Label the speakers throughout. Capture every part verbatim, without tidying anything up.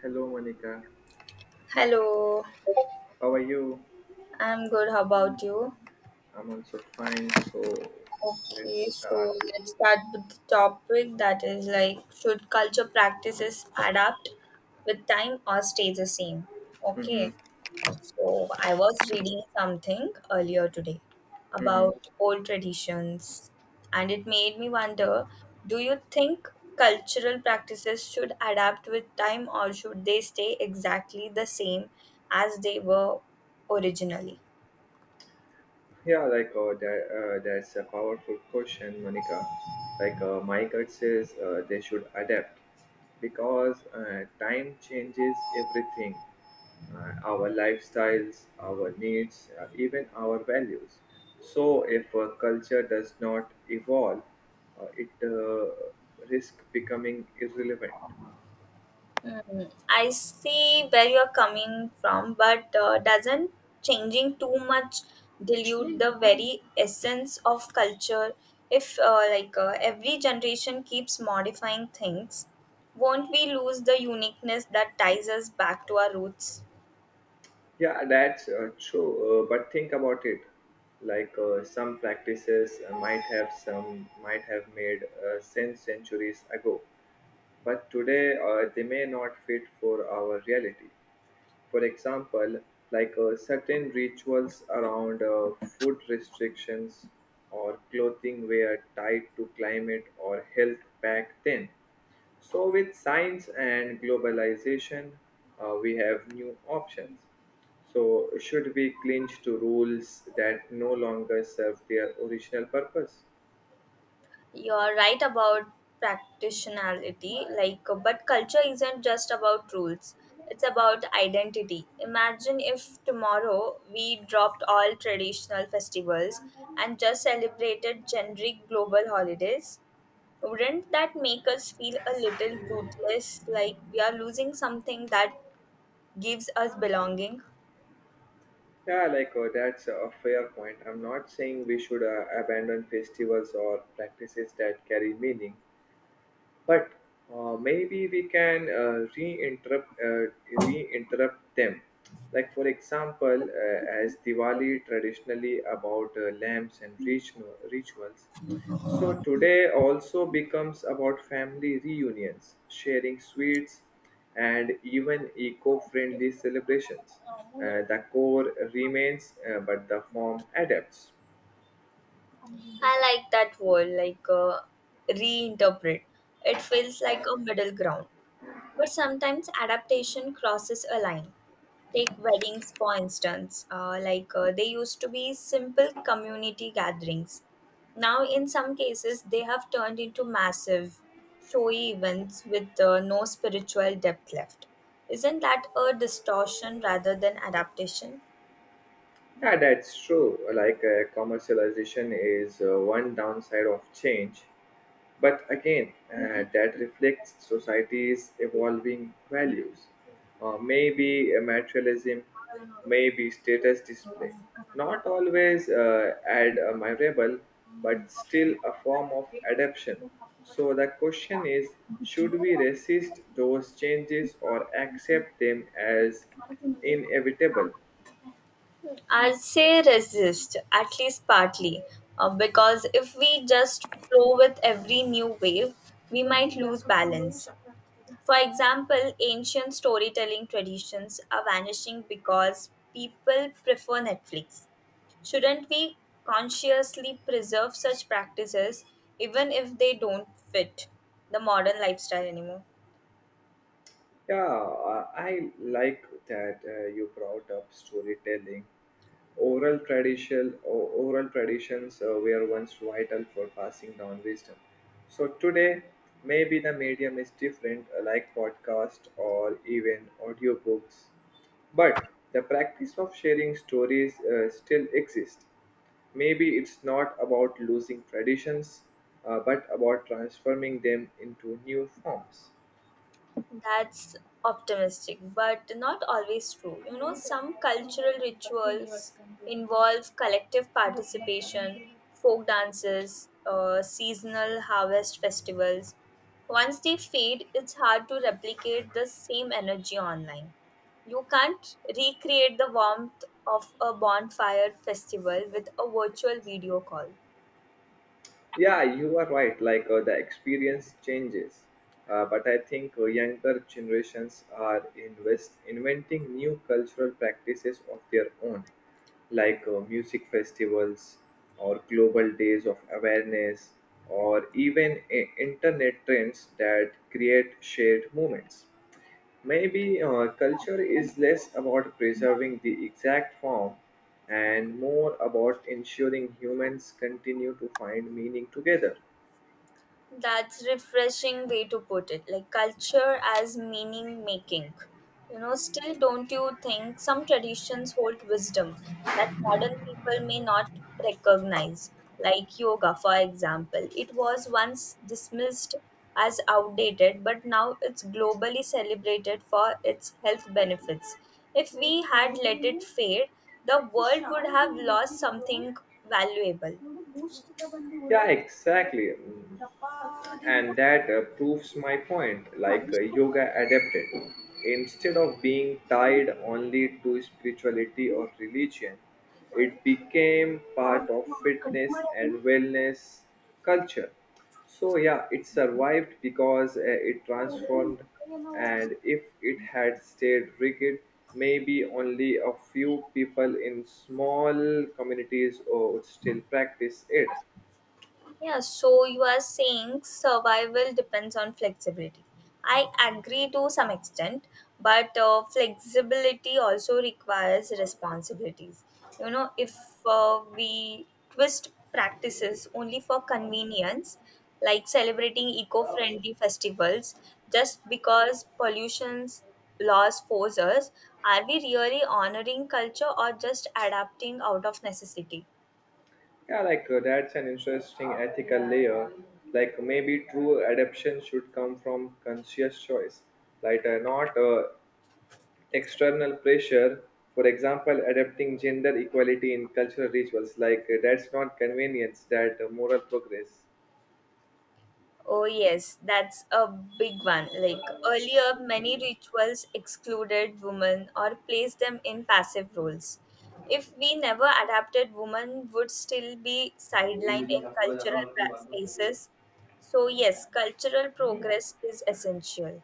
Speaker 1: Hello, Monica.
Speaker 2: Hello,
Speaker 1: How are you?
Speaker 2: I'm good. How about you?
Speaker 1: I'm also fine. So
Speaker 2: Okay,
Speaker 1: let's
Speaker 2: so
Speaker 1: start.
Speaker 2: let's start with the topic that is like, should culture practices adapt with time or stay the same?
Speaker 1: Mm-hmm.
Speaker 2: Okay, so I was reading something earlier today
Speaker 1: Mm-hmm.
Speaker 2: about old traditions, and it made me wonder, do you think cultural practices should adapt with time or should they stay exactly the same as they were originally?
Speaker 1: Yeah, like uh, that, uh, that's a powerful question, Monica. Like uh, my gut says, uh, they should adapt because uh, time changes everything, uh, our lifestyles, our needs, uh, even our values. So, if a culture does not evolve, uh, it uh, risks becoming irrelevant.
Speaker 2: Mm, I see where you're coming from, but uh, doesn't changing too much dilute the very essence of culture? If uh, like uh, every generation keeps modifying things, won't we lose the uniqueness that ties us back to our roots?
Speaker 1: Yeah, that's uh, true. Uh, but think about it. Like uh, some practices uh, might have some might have made uh, sense centuries ago, but today uh, they may not fit for our reality. For example, like uh, certain rituals around uh, food restrictions or clothing were tied to climate or health back then. So, with science and globalization, uh, we have new options. So, should we cling to rules that no longer serve their original purpose?
Speaker 2: You are right about practitionality, like, but culture isn't just about rules, it's about identity. Imagine if tomorrow we dropped all traditional festivals and just celebrated generic global holidays. Wouldn't that make us feel a little rootless, like we are losing something that gives us belonging?
Speaker 1: Yeah, like uh, that's a fair point. I'm not saying we should uh, abandon festivals or practices that carry meaning, but uh, maybe we can uh, re-interrupt uh, re-interrupt them, like for example uh, as Diwali traditionally about uh, lamps and ritual, rituals, so today also becomes about family reunions, sharing sweets, and even eco-friendly celebrations. Uh, the core remains, uh, but the form adapts.
Speaker 2: I like that word, like, uh, reinterpret. It feels like a middle ground. But sometimes adaptation crosses a line. Take weddings, for instance. Uh, like uh, they used to be simple community gatherings. Now, in some cases, they have turned into massive, showy events with uh, no spiritual depth left. Isn't that a distortion rather than adaptation?
Speaker 1: Yeah, that's true. Like uh, commercialization is uh, one downside of change, but again, uh, that reflects society's evolving values. Uh, maybe uh, materialism, maybe status display. Not always uh, admirable, but still a form of adaptation. So the question is, should we resist those changes or accept them as inevitable?
Speaker 2: I'd say resist, at least partly, uh, because if we just flow with every new wave, we might lose balance. For example, ancient storytelling traditions are vanishing because people prefer Netflix. Shouldn't we consciously preserve such practices even if they don't fit the modern lifestyle anymore?
Speaker 1: Yeah, uh, I like that uh, you brought up storytelling. Oral tradition, o- oral traditions uh, were once vital for passing down wisdom. So today, maybe the medium is different, uh, like podcast or even audiobooks. But the practice of sharing stories uh, still exists. Maybe it's not about losing traditions, uh, but about transforming them into new forms.
Speaker 2: That's optimistic, but not always true. You know, some cultural rituals involve collective participation, folk dances, uh, seasonal harvest festivals. Once they fade, it's hard to replicate the same energy online. You can't recreate the warmth of a bonfire festival with a virtual video call.
Speaker 1: Yeah, you are right. Like uh, the experience changes, uh, but I think uh, younger generations are invest inventing new cultural practices of their own, like uh, music festivals or global days of awareness, or even i- internet trends that create shared moments. Maybe uh, culture is less about preserving the exact form and more about ensuring humans continue to find meaning together.
Speaker 2: That's refreshing way to put it. Like culture as meaning making. You know, still, don't you think some traditions hold wisdom that modern people may not recognize? Like yoga, for example. It was once dismissed as outdated, but now it's globally celebrated for its health benefits. If we had let it fade, the world would have lost something valuable.
Speaker 1: Yeah, exactly. Mm. And that uh, proves my point, like uh, yoga adapted instead of being tied only to spirituality or religion. It became part of fitness and wellness culture. So yeah, it survived because uh, it transformed. And if it had stayed rigid, maybe only a few people in small communities uh, would still practice it.
Speaker 2: Yeah, so you are saying survival depends on flexibility. I agree to some extent, but uh, flexibility also requires responsibilities. You know, if uh, we twist practices only for convenience, like celebrating eco friendly festivals just because pollution's laws force us, are we really honoring culture or just adapting out of necessity?
Speaker 1: Yeah, like uh, that's an interesting ethical layer. Like maybe true adoption should come from conscious choice, like uh, not uh, external pressure. For example, adapting gender equality in cultural rituals, like uh, that's not convenience, that uh, moral progress.
Speaker 2: Oh, yes, that's a big one. Like earlier, many rituals excluded women or placed them in passive roles. If we never adapted, women would still be sidelined in cultural pra- spaces. So, yes, cultural progress is essential.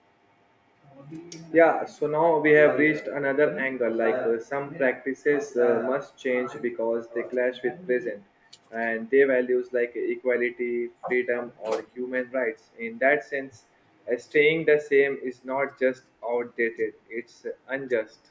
Speaker 1: Yeah, so now we have reached another angle, like uh, some practices uh, must change because they clash with present and their values like equality, freedom, or human rights. In that sense, uh, staying the same is not just outdated, it's unjust.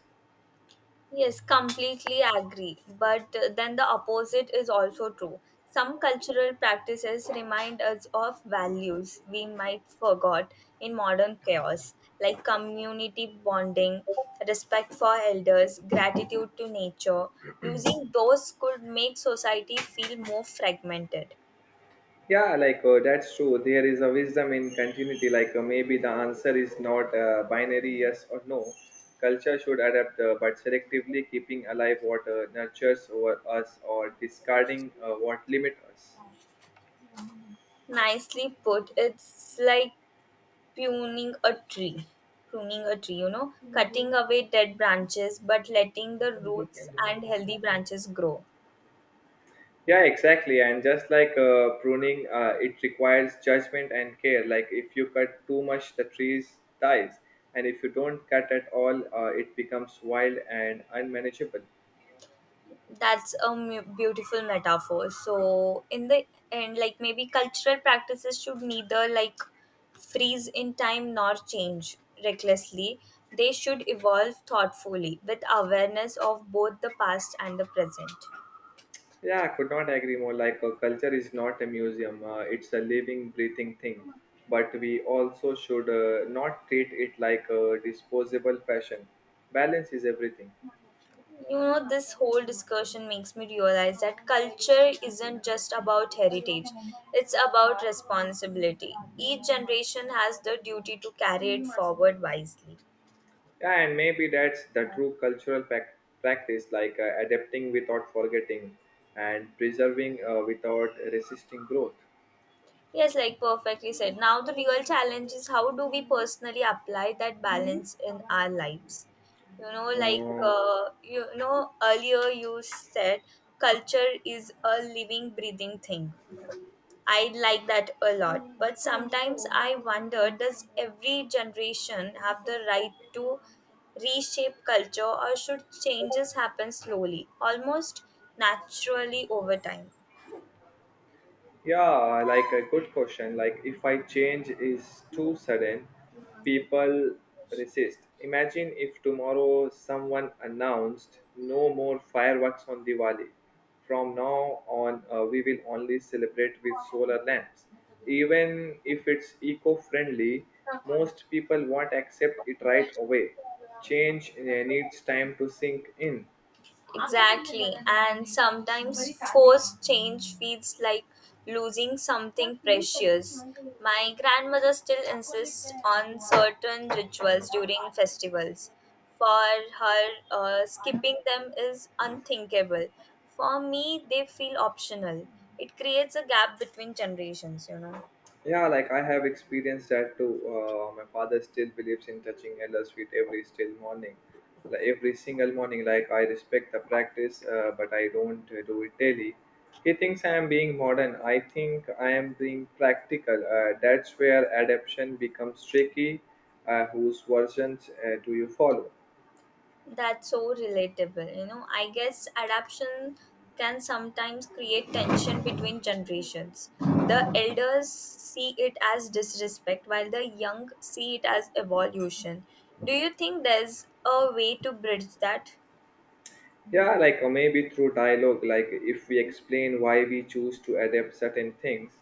Speaker 2: Yes, completely agree. But uh, then the opposite is also true. Some cultural practices remind us of values we might forgot in modern chaos, like community bonding, respect for elders, gratitude to nature. Losing those could make society feel more fragmented.
Speaker 1: Yeah, like uh, that's true. There is a wisdom in continuity. Like uh, maybe the answer is not uh, binary yes or no. Culture should adapt, uh, but selectively keeping alive what uh, nurtures over us or discarding uh, what limits us.
Speaker 2: Nicely put. It's like pruning a tree pruning a tree, you know. Mhm. Cutting away dead branches but letting the roots and healthy branches grow.
Speaker 1: Yeah, exactly. And just like uh, pruning, uh, it requires judgment and care. Like if you cut too much, the tree dies, and if you don't cut at all, uh, it becomes wild and unmanageable.
Speaker 2: That's a mu- beautiful metaphor. So in the end, like, maybe cultural practices should neither like freeze in time nor change recklessly. They should evolve thoughtfully with awareness of both the past and the present.
Speaker 1: Yeah, I could not agree more. Like, a culture is not a museum, uh, it's a living, breathing thing. But we also should uh, not treat it like a disposable fashion. Balance is everything.
Speaker 2: You know, this whole discussion makes me realize that culture isn't just about heritage, it's about responsibility. Each generation has the duty to carry it forward wisely.
Speaker 1: Yeah, and maybe that's the true cultural pac- practice, like uh, adapting without forgetting and preserving uh, without resisting growth.
Speaker 2: Yes, like perfectly said. Now, the real challenge is, how do we personally apply that balance in our lives? You know, like, uh, you know, earlier you said culture is a living, breathing thing. I like that a lot. But sometimes I wonder, does every generation have the right to reshape culture, or should changes happen slowly, almost naturally over time?
Speaker 1: Yeah, like a good question. Like if I change is too sudden, people resist. Imagine if tomorrow someone announced no more fireworks on Diwali. From now on, uh, we will only celebrate with solar lamps. Even if it's eco-friendly, most people won't accept it right away. Change uh, needs time to sink in.
Speaker 2: Exactly, and sometimes forced change feels like losing something precious. My grandmother still insists on certain rituals during festivals. For her, uh, skipping them is unthinkable. For me, they feel optional. It creates a gap between generations, you know.
Speaker 1: Yeah, like I have experienced that too. Uh, my father still believes in touching Ella's feet every still morning, like every single morning. Like I respect the practice, uh, but I don't uh, do it daily. He thinks I am being modern. I think I am being practical. Uh, that's where adaptation becomes tricky. Uh, whose versions uh, do you follow?
Speaker 2: That's so relatable. You know, I guess adaptation can sometimes create tension between generations. The elders see it as disrespect, while the young see it as evolution. Do you think there's a way to bridge that?
Speaker 1: Yeah, like or maybe through dialogue, like if we explain why we choose to adapt certain things,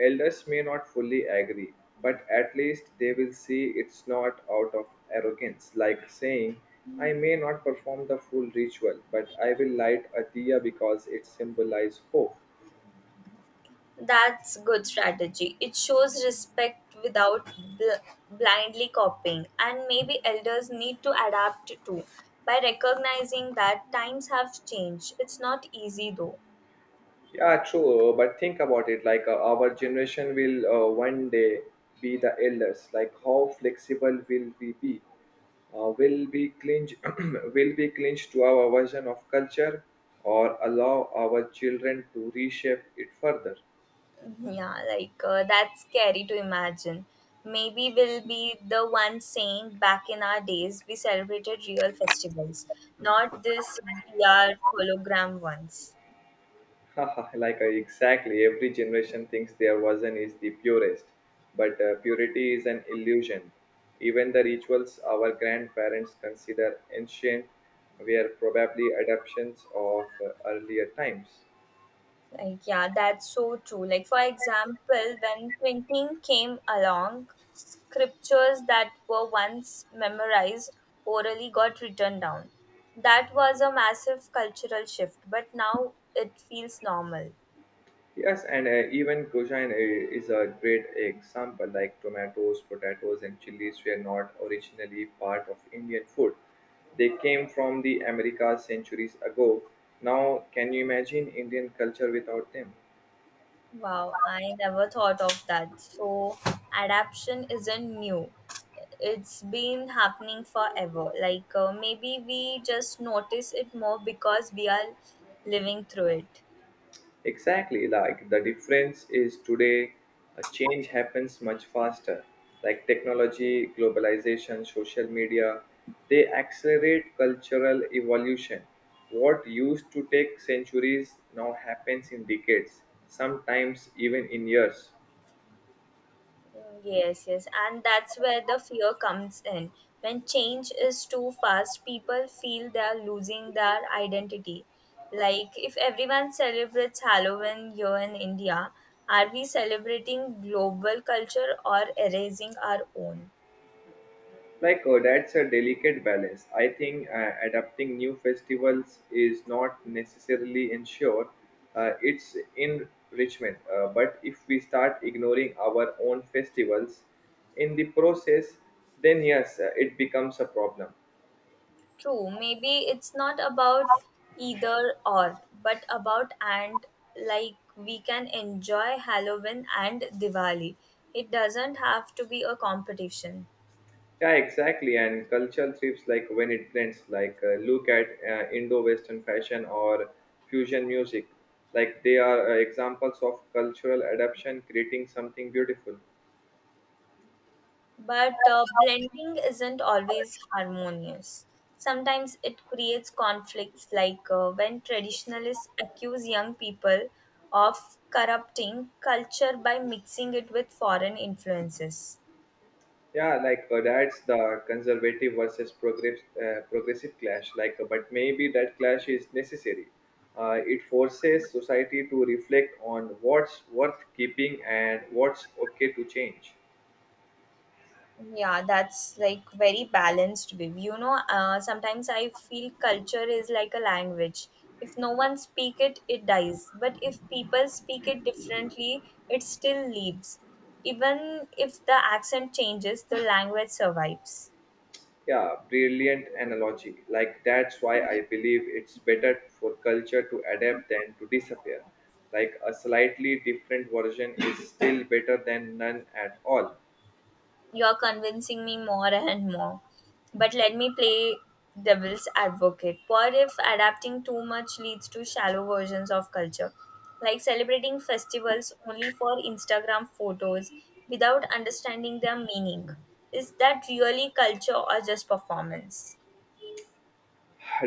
Speaker 1: elders may not fully agree, but at least they will see it's not out of arrogance, like saying, "I may not perform the full ritual, but I will light a diya because it symbolizes hope."
Speaker 2: That's good strategy. It shows respect without bl- blindly copying, and maybe elders need to adapt too by recognizing that times have changed. It's not easy though.
Speaker 1: Yeah, true, uh, but think about it, like uh, our generation will uh, one day be the elders, like how flexible will we be? uh, will be clinged Will be clinged to our version of culture, or allow our children to reshape it further?
Speaker 2: Yeah, like uh, that's scary to imagine. Maybe we'll be the ones saying back in our days we celebrated real festivals, not this V R hologram ones.
Speaker 1: Like uh, exactly, every generation thinks their version is the purest, but uh, purity is an illusion. Even the rituals our grandparents consider ancient were probably adaptations of uh, earlier times.
Speaker 2: Like, yeah, that's so true. Like, for example, when printing came along, scriptures that were once memorized orally got written down. That was a massive cultural shift, but now it feels normal.
Speaker 1: Yes, and uh, even cuisine uh, is a great example, like tomatoes, potatoes, and chilies were not originally part of Indian food. They came from the Americas centuries ago. Now, can you imagine Indian culture without them?
Speaker 2: Wow, I never thought of that. So, adaptation isn't new. It's been happening forever. Like, uh, maybe we just notice it more because we are living through it.
Speaker 1: Exactly, like the difference is today, a change happens much faster. Like technology, globalization, social media, they accelerate cultural evolution. What used to take centuries now happens in decades, sometimes even in years.
Speaker 2: Mm, yes, yes. And that's where the fear comes in. When change is too fast, people feel they are losing their identity. Like, if everyone celebrates Halloween here in India, are we celebrating global culture or erasing our own?
Speaker 1: Like, oh, that's a delicate balance. I think uh, adapting new festivals is not necessarily ensure uh, its enrichment. Uh, but if we start ignoring our own festivals in the process, then yes, uh, it becomes a problem.
Speaker 2: True, maybe it's not about either or, but about and, like we can enjoy Halloween and Diwali. It doesn't have to be a competition.
Speaker 1: Yeah, exactly. And cultural trips, like when it blends, like uh, look at uh, Indo-Western fashion or fusion music, like they are uh, examples of cultural adaptation creating something beautiful.
Speaker 2: But uh, blending isn't always harmonious. Sometimes it creates conflicts, like uh, when traditionalists accuse young people of corrupting culture by mixing it with foreign influences.
Speaker 1: Yeah, like uh, that's the conservative versus progress, uh, progressive clash, like uh, but maybe that clash is necessary. Uh, it forces society to reflect on what's worth keeping and what's okay to change.
Speaker 2: Yeah, that's like very balanced view. You know, uh, sometimes I feel culture is like a language. If no one speak it, it dies. But if people speak it differently, it still lives. Even if the accent changes, the language survives.
Speaker 1: Yeah, brilliant analogy. Like, that's why I believe it's better for culture to adapt than to disappear. Like, a slightly different version is still better than none at all.
Speaker 2: You're convincing me more and more. But let me play devil's advocate. What if adapting too much leads to shallow versions of culture? Like celebrating festivals only for Instagram photos without understanding their meaning. Is that really culture or just performance?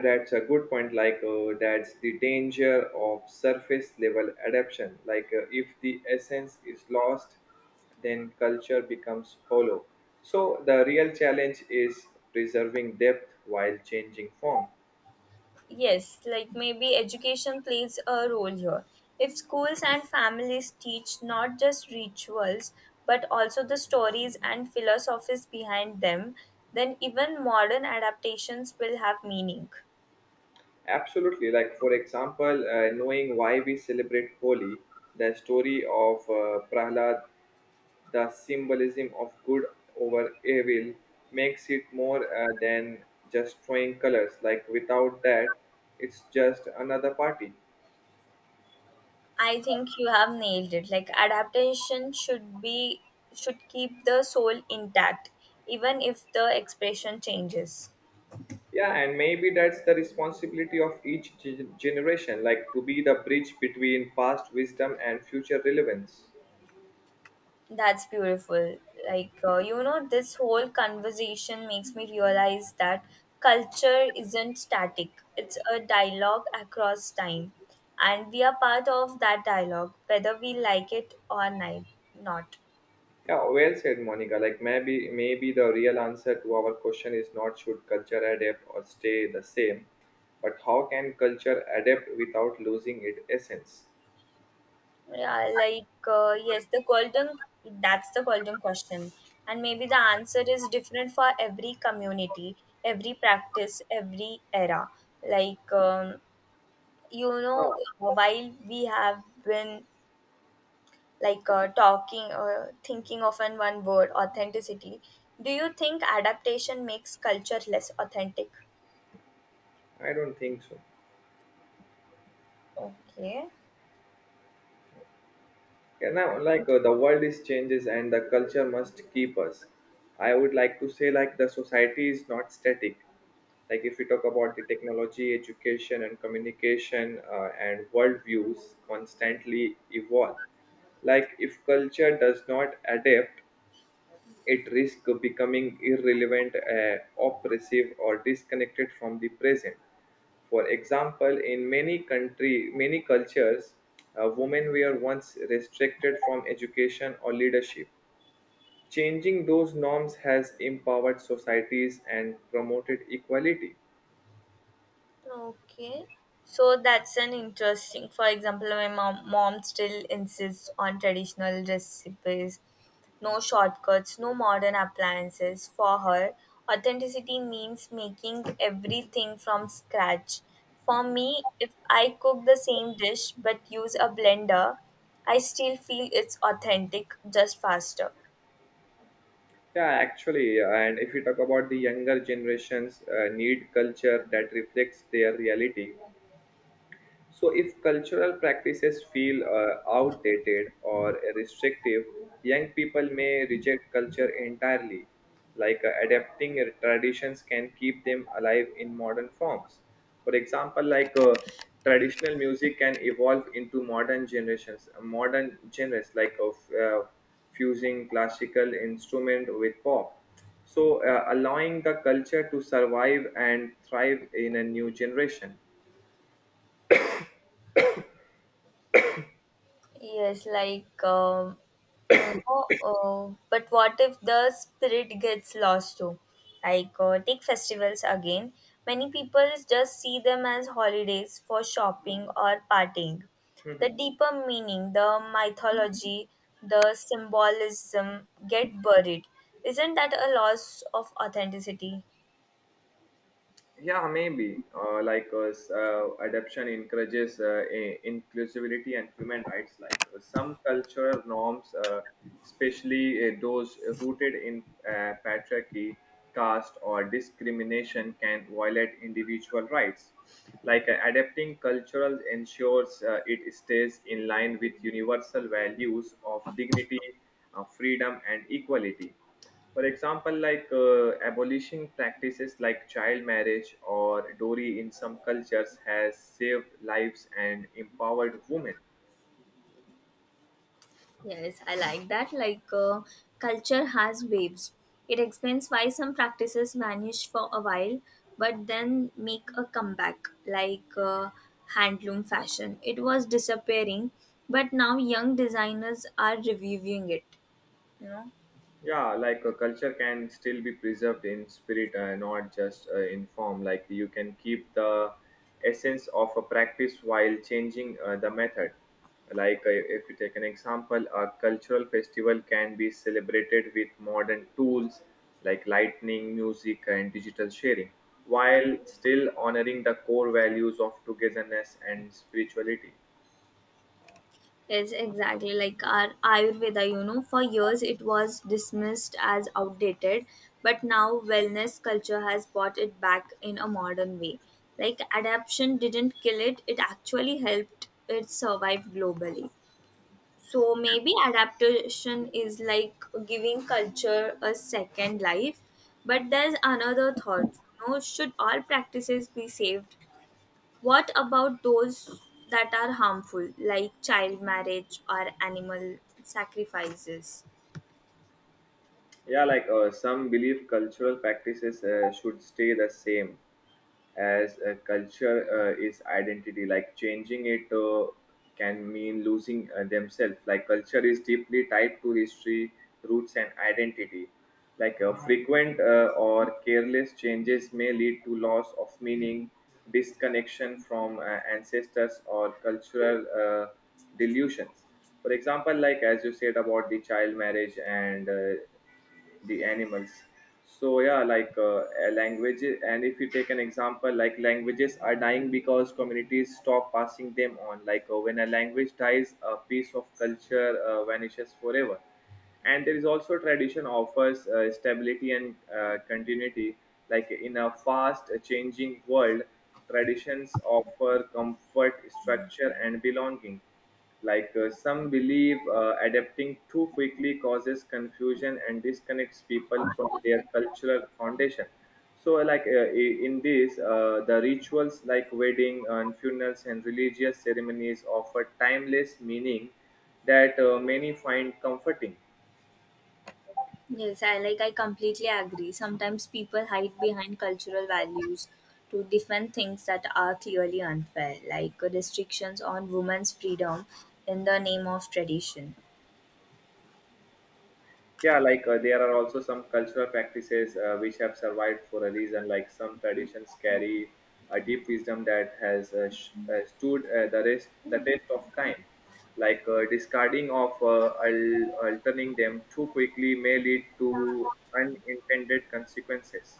Speaker 1: That's a good point. Like, uh, that's the danger of surface level adaptation. Like, uh, if the essence is lost, then culture becomes hollow. So, the real challenge is preserving depth while changing form.
Speaker 2: Yes, like maybe education plays a role here. If schools and families teach not just rituals but also the stories and philosophies behind them, then even modern adaptations will have meaning.
Speaker 1: Absolutely. Like, for example, uh, knowing why we celebrate Holi, the story of uh, Prahlad, the symbolism of good over evil, makes it more uh, than just throwing colors. Like without that, it's just another party.
Speaker 2: I think you have nailed it. Like adaptation should be should keep the soul intact even if the expression changes.
Speaker 1: Yeah, and maybe that's the responsibility of each ge- generation, like to be the bridge between past wisdom and future relevance.
Speaker 2: That's beautiful. Like, uh, you know, this whole conversation makes me realize that culture isn't static, it's a dialogue across time. And we are part of that dialogue, whether we like it or ni- not.
Speaker 1: Yeah, well said, Monica. Like maybe maybe the real answer to our question is not should culture adapt or stay the same, but how can culture adapt without losing its essence?
Speaker 2: Yeah, like, uh, yes, the golden, that's the golden question. And maybe the answer is different for every community, every practice, every era. Like, um, you know, while we have been like uh, talking or thinking of an one word authenticity, do you think adaptation makes culture less authentic?
Speaker 1: I don't think so.
Speaker 2: Okay.
Speaker 1: And now, like uh, the world is changes and the culture must keep us. I would like to say like the society is not static. Like if we talk about the technology, education, and communication uh, and worldviews constantly evolve. Like if culture does not adapt, it risks becoming irrelevant, uh, oppressive, or disconnected from the present. For example, in many country, many cultures, uh, women were once restricted from education or leadership. Changing those norms has empowered societies and promoted equality.
Speaker 2: Okay. So that's an interesting. For example, my mom, mom still insists on traditional recipes, no shortcuts, no modern appliances. For her, authenticity means making everything from scratch. For me, if I cook the same dish but use a blender, I still feel it's authentic, just faster.
Speaker 1: Yeah, actually, and if you talk about the younger generations, uh, need culture that reflects their reality. So, if cultural practices feel uh, outdated or restrictive, young people may reject culture entirely. Like uh, adapting uh, traditions can keep them alive in modern forms. For example, like uh, traditional music can evolve into modern generations, modern genres, like of uh, fusing classical instrument with pop. So, uh, allowing the culture to survive and thrive in a new generation.
Speaker 2: Yes, like um, you know, uh, but what if the spirit gets lost too? Like uh, take festivals again. Many people just see them as holidays for shopping or partying. The
Speaker 1: Hmm.
Speaker 2: deeper meaning, the mythology, the symbolism get buried. Isn't that a loss of authenticity?
Speaker 1: Yeah, maybe. Uh, like uh, s- uh, adoption encourages uh, i- inclusivity and human rights. Like uh, some cultural norms, uh, especially uh, those rooted in uh, patriarchy, caste, or discrimination, can violate individual rights. Like uh, adapting cultural ensures uh, it stays in line with universal values of dignity, uh, freedom, and equality. For example, like uh, abolishing practices like child marriage or dowry in some cultures has saved lives and empowered women.
Speaker 2: Yes, I like that. Like, uh, culture has waves. It explains why some practices vanish for a while, but then make a comeback, like uh, handloom fashion. It was disappearing, but now young designers are reviving it, you know.
Speaker 1: Yeah, like a culture can still be preserved in spirit, uh, not just uh, in form. Like you can keep the essence of a practice while changing uh, the method. Like uh, if you take an example, a cultural festival can be celebrated with modern tools like lightning music and digital sharing, while still honoring the core values of togetherness and spirituality.
Speaker 2: Yes, exactly. Like our Ayurveda, you know, for years it was dismissed as outdated, but now wellness culture has brought it back in a modern way. Like adaptation didn't kill it, it actually helped it survive globally. So maybe adaptation is like giving culture a second life, but there's another thought. You know, should all practices be saved? What about those that are harmful, like child marriage or animal sacrifices?
Speaker 1: Yeah, like uh, some believe cultural practices uh, should stay the same, as uh, culture uh, is identity. Like changing it uh, can mean losing uh, themselves. Like culture is deeply tied to history, roots, and identity. Like uh, frequent uh, or careless changes may lead to loss of meaning, disconnection from uh, ancestors, or cultural uh, delusions. For example, like as you said about the child marriage and uh, the animals. So yeah, like uh, a language, and if you take an example, like languages are dying because communities stop passing them on. Like uh, when a language dies, a piece of culture uh, vanishes forever. And there is also tradition offers uh, stability and uh, continuity. Like in a fast changing world, traditions offer comfort, structure, and belonging. Like uh, some believe uh, adapting too quickly causes confusion and disconnects people from their cultural foundation. So like uh, i- in this uh, the rituals like wedding and funerals and religious ceremonies offer timeless meaning that uh, many find comforting.
Speaker 2: Yes, I like I completely agree. Sometimes people hide behind cultural values to defend things that are clearly unfair, like restrictions on women's freedom in the name of tradition.
Speaker 1: Yeah, like uh, there are also some cultural practices uh, which have survived for a reason. Like some traditions carry a deep wisdom that has uh, sh- uh, stood uh, the rest the test of time. Like uh, discarding of uh, al- alterning them too quickly may lead to unintended consequences.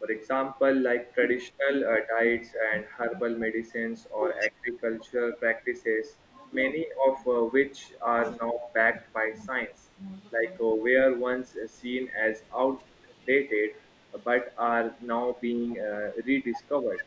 Speaker 1: For example, like traditional uh, diets and herbal medicines or agricultural practices, many of uh, which are now backed by science, like uh, were once seen as outdated but are now being uh, rediscovered.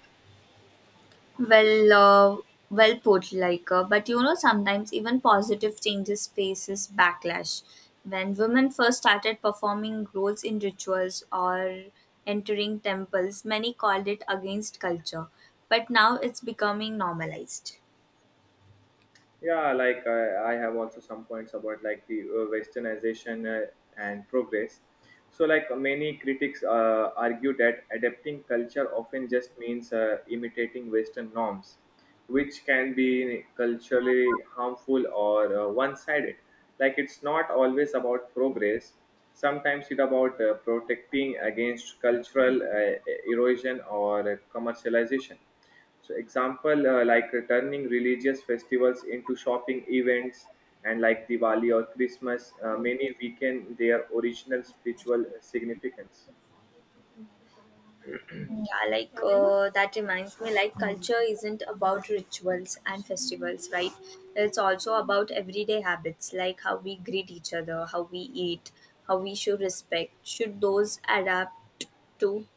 Speaker 2: Well, uh, well put, like, uh, but you know, sometimes even positive changes faces backlash. When women first started performing roles in rituals or entering temples, many called it against culture, but now it's becoming normalized.
Speaker 1: Yeah, like I, I have also some points about like the uh, westernization uh, and progress. So like many critics uh, argue that adapting culture often just means uh, imitating Western norms, which can be culturally harmful or uh, one-sided. Like it's not always about progress. Sometimes it's about uh, protecting against cultural uh, erosion or commercialization. So example uh, like uh, turning religious festivals into shopping events, and like Diwali or Christmas, uh, many weaken their original spiritual significance.
Speaker 2: Yeah, like uh, that reminds me, like culture isn't about rituals and festivals, right? It's also about everyday habits, like how we greet each other, how we eat, how we show respect. Should those adapt too?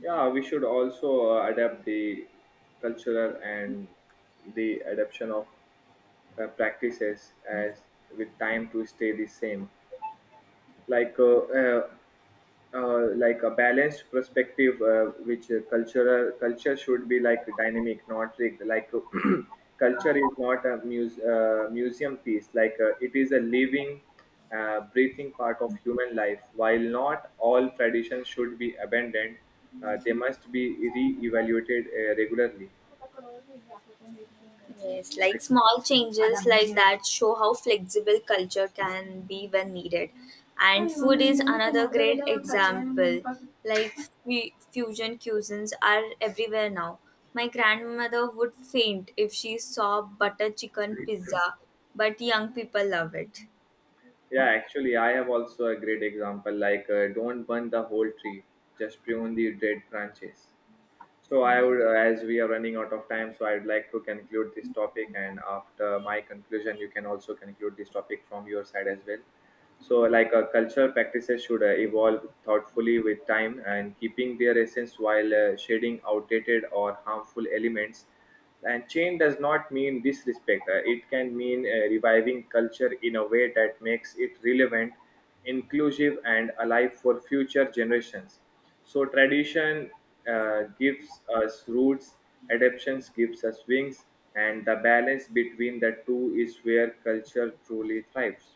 Speaker 1: Yeah, we should also uh, adapt the cultural and the adoption of uh, practices as with time to stay the same. Like uh, uh, uh, like a balanced perspective, uh, which uh, cultural culture should be like dynamic, not rigged. Like culture is not a muse, uh, museum piece. Like uh, it is a living, uh, breathing part of human life. While not all traditions should be abandoned, uh, they must be re-evaluated uh, regularly.
Speaker 2: Yes, like
Speaker 1: Like,
Speaker 2: small changes like that show how flexible culture can be when needed. And food is another great example. Like fu- fusion cuisines are everywhere now. My grandmother would faint if she saw butter chicken pizza, but young people love it.
Speaker 1: yeah, actually I have also a great example. Like uh, don't burn the whole tree, just prune the dead branches. So I would, uh, as we are running out of time, so I'd like to conclude this topic. And after my conclusion, you can also conclude this topic from your side as well. So like uh, cultural practices should uh, evolve thoughtfully with time and keeping their essence, while uh, shedding outdated or harmful elements. And change does not mean disrespect. Uh, it can mean uh, reviving culture in a way that makes it relevant, inclusive, and alive for future generations. So tradition uh, gives us roots, adaptations gives us wings, and the balance between the two is where culture truly thrives.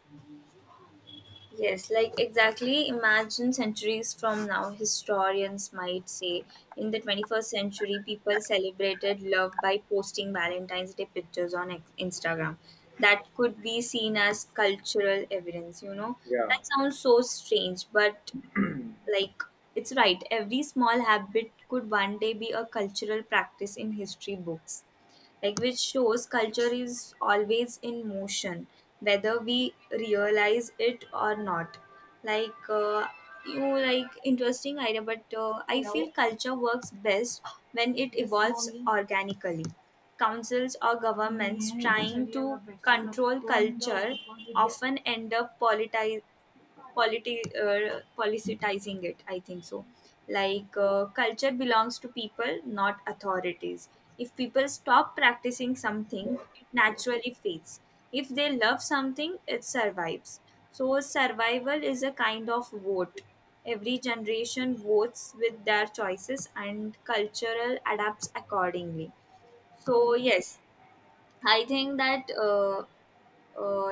Speaker 2: Yes, like exactly. Imagine centuries from now, historians might say in the twenty-first century, people celebrated love by posting Valentine's Day pictures on ex- Instagram. That could be seen as cultural evidence, you know.
Speaker 1: Yeah.
Speaker 2: That sounds so strange, but like it's right, every small habit could one day be a cultural practice in history books, like which shows culture is always in motion, whether we realize it or not. Like, uh, you, like, interesting idea, but uh, I feel culture works best when it evolves organically. Councils or governments trying to control culture often end up politize, polity uh, politicizing it, I think so. Like uh, culture belongs to people, not authorities. If people stop practicing something, it naturally fades. If they love something, it survives. So survival is a kind of vote. Every generation votes with their choices and cultural adapts accordingly. So yes, I think that uh, uh,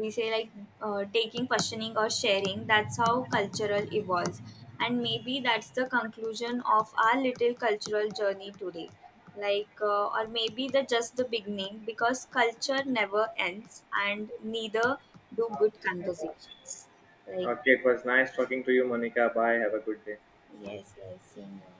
Speaker 2: we say like uh, taking, questioning or sharing, that's how cultural evolves. And maybe that's the conclusion of our little cultural journey today, like, uh, or maybe the just the beginning, because culture never ends and neither do good conversations. Like,
Speaker 1: Okay, it was nice talking to you, Monica. Bye. Have a good day.
Speaker 2: yes, yes, senior.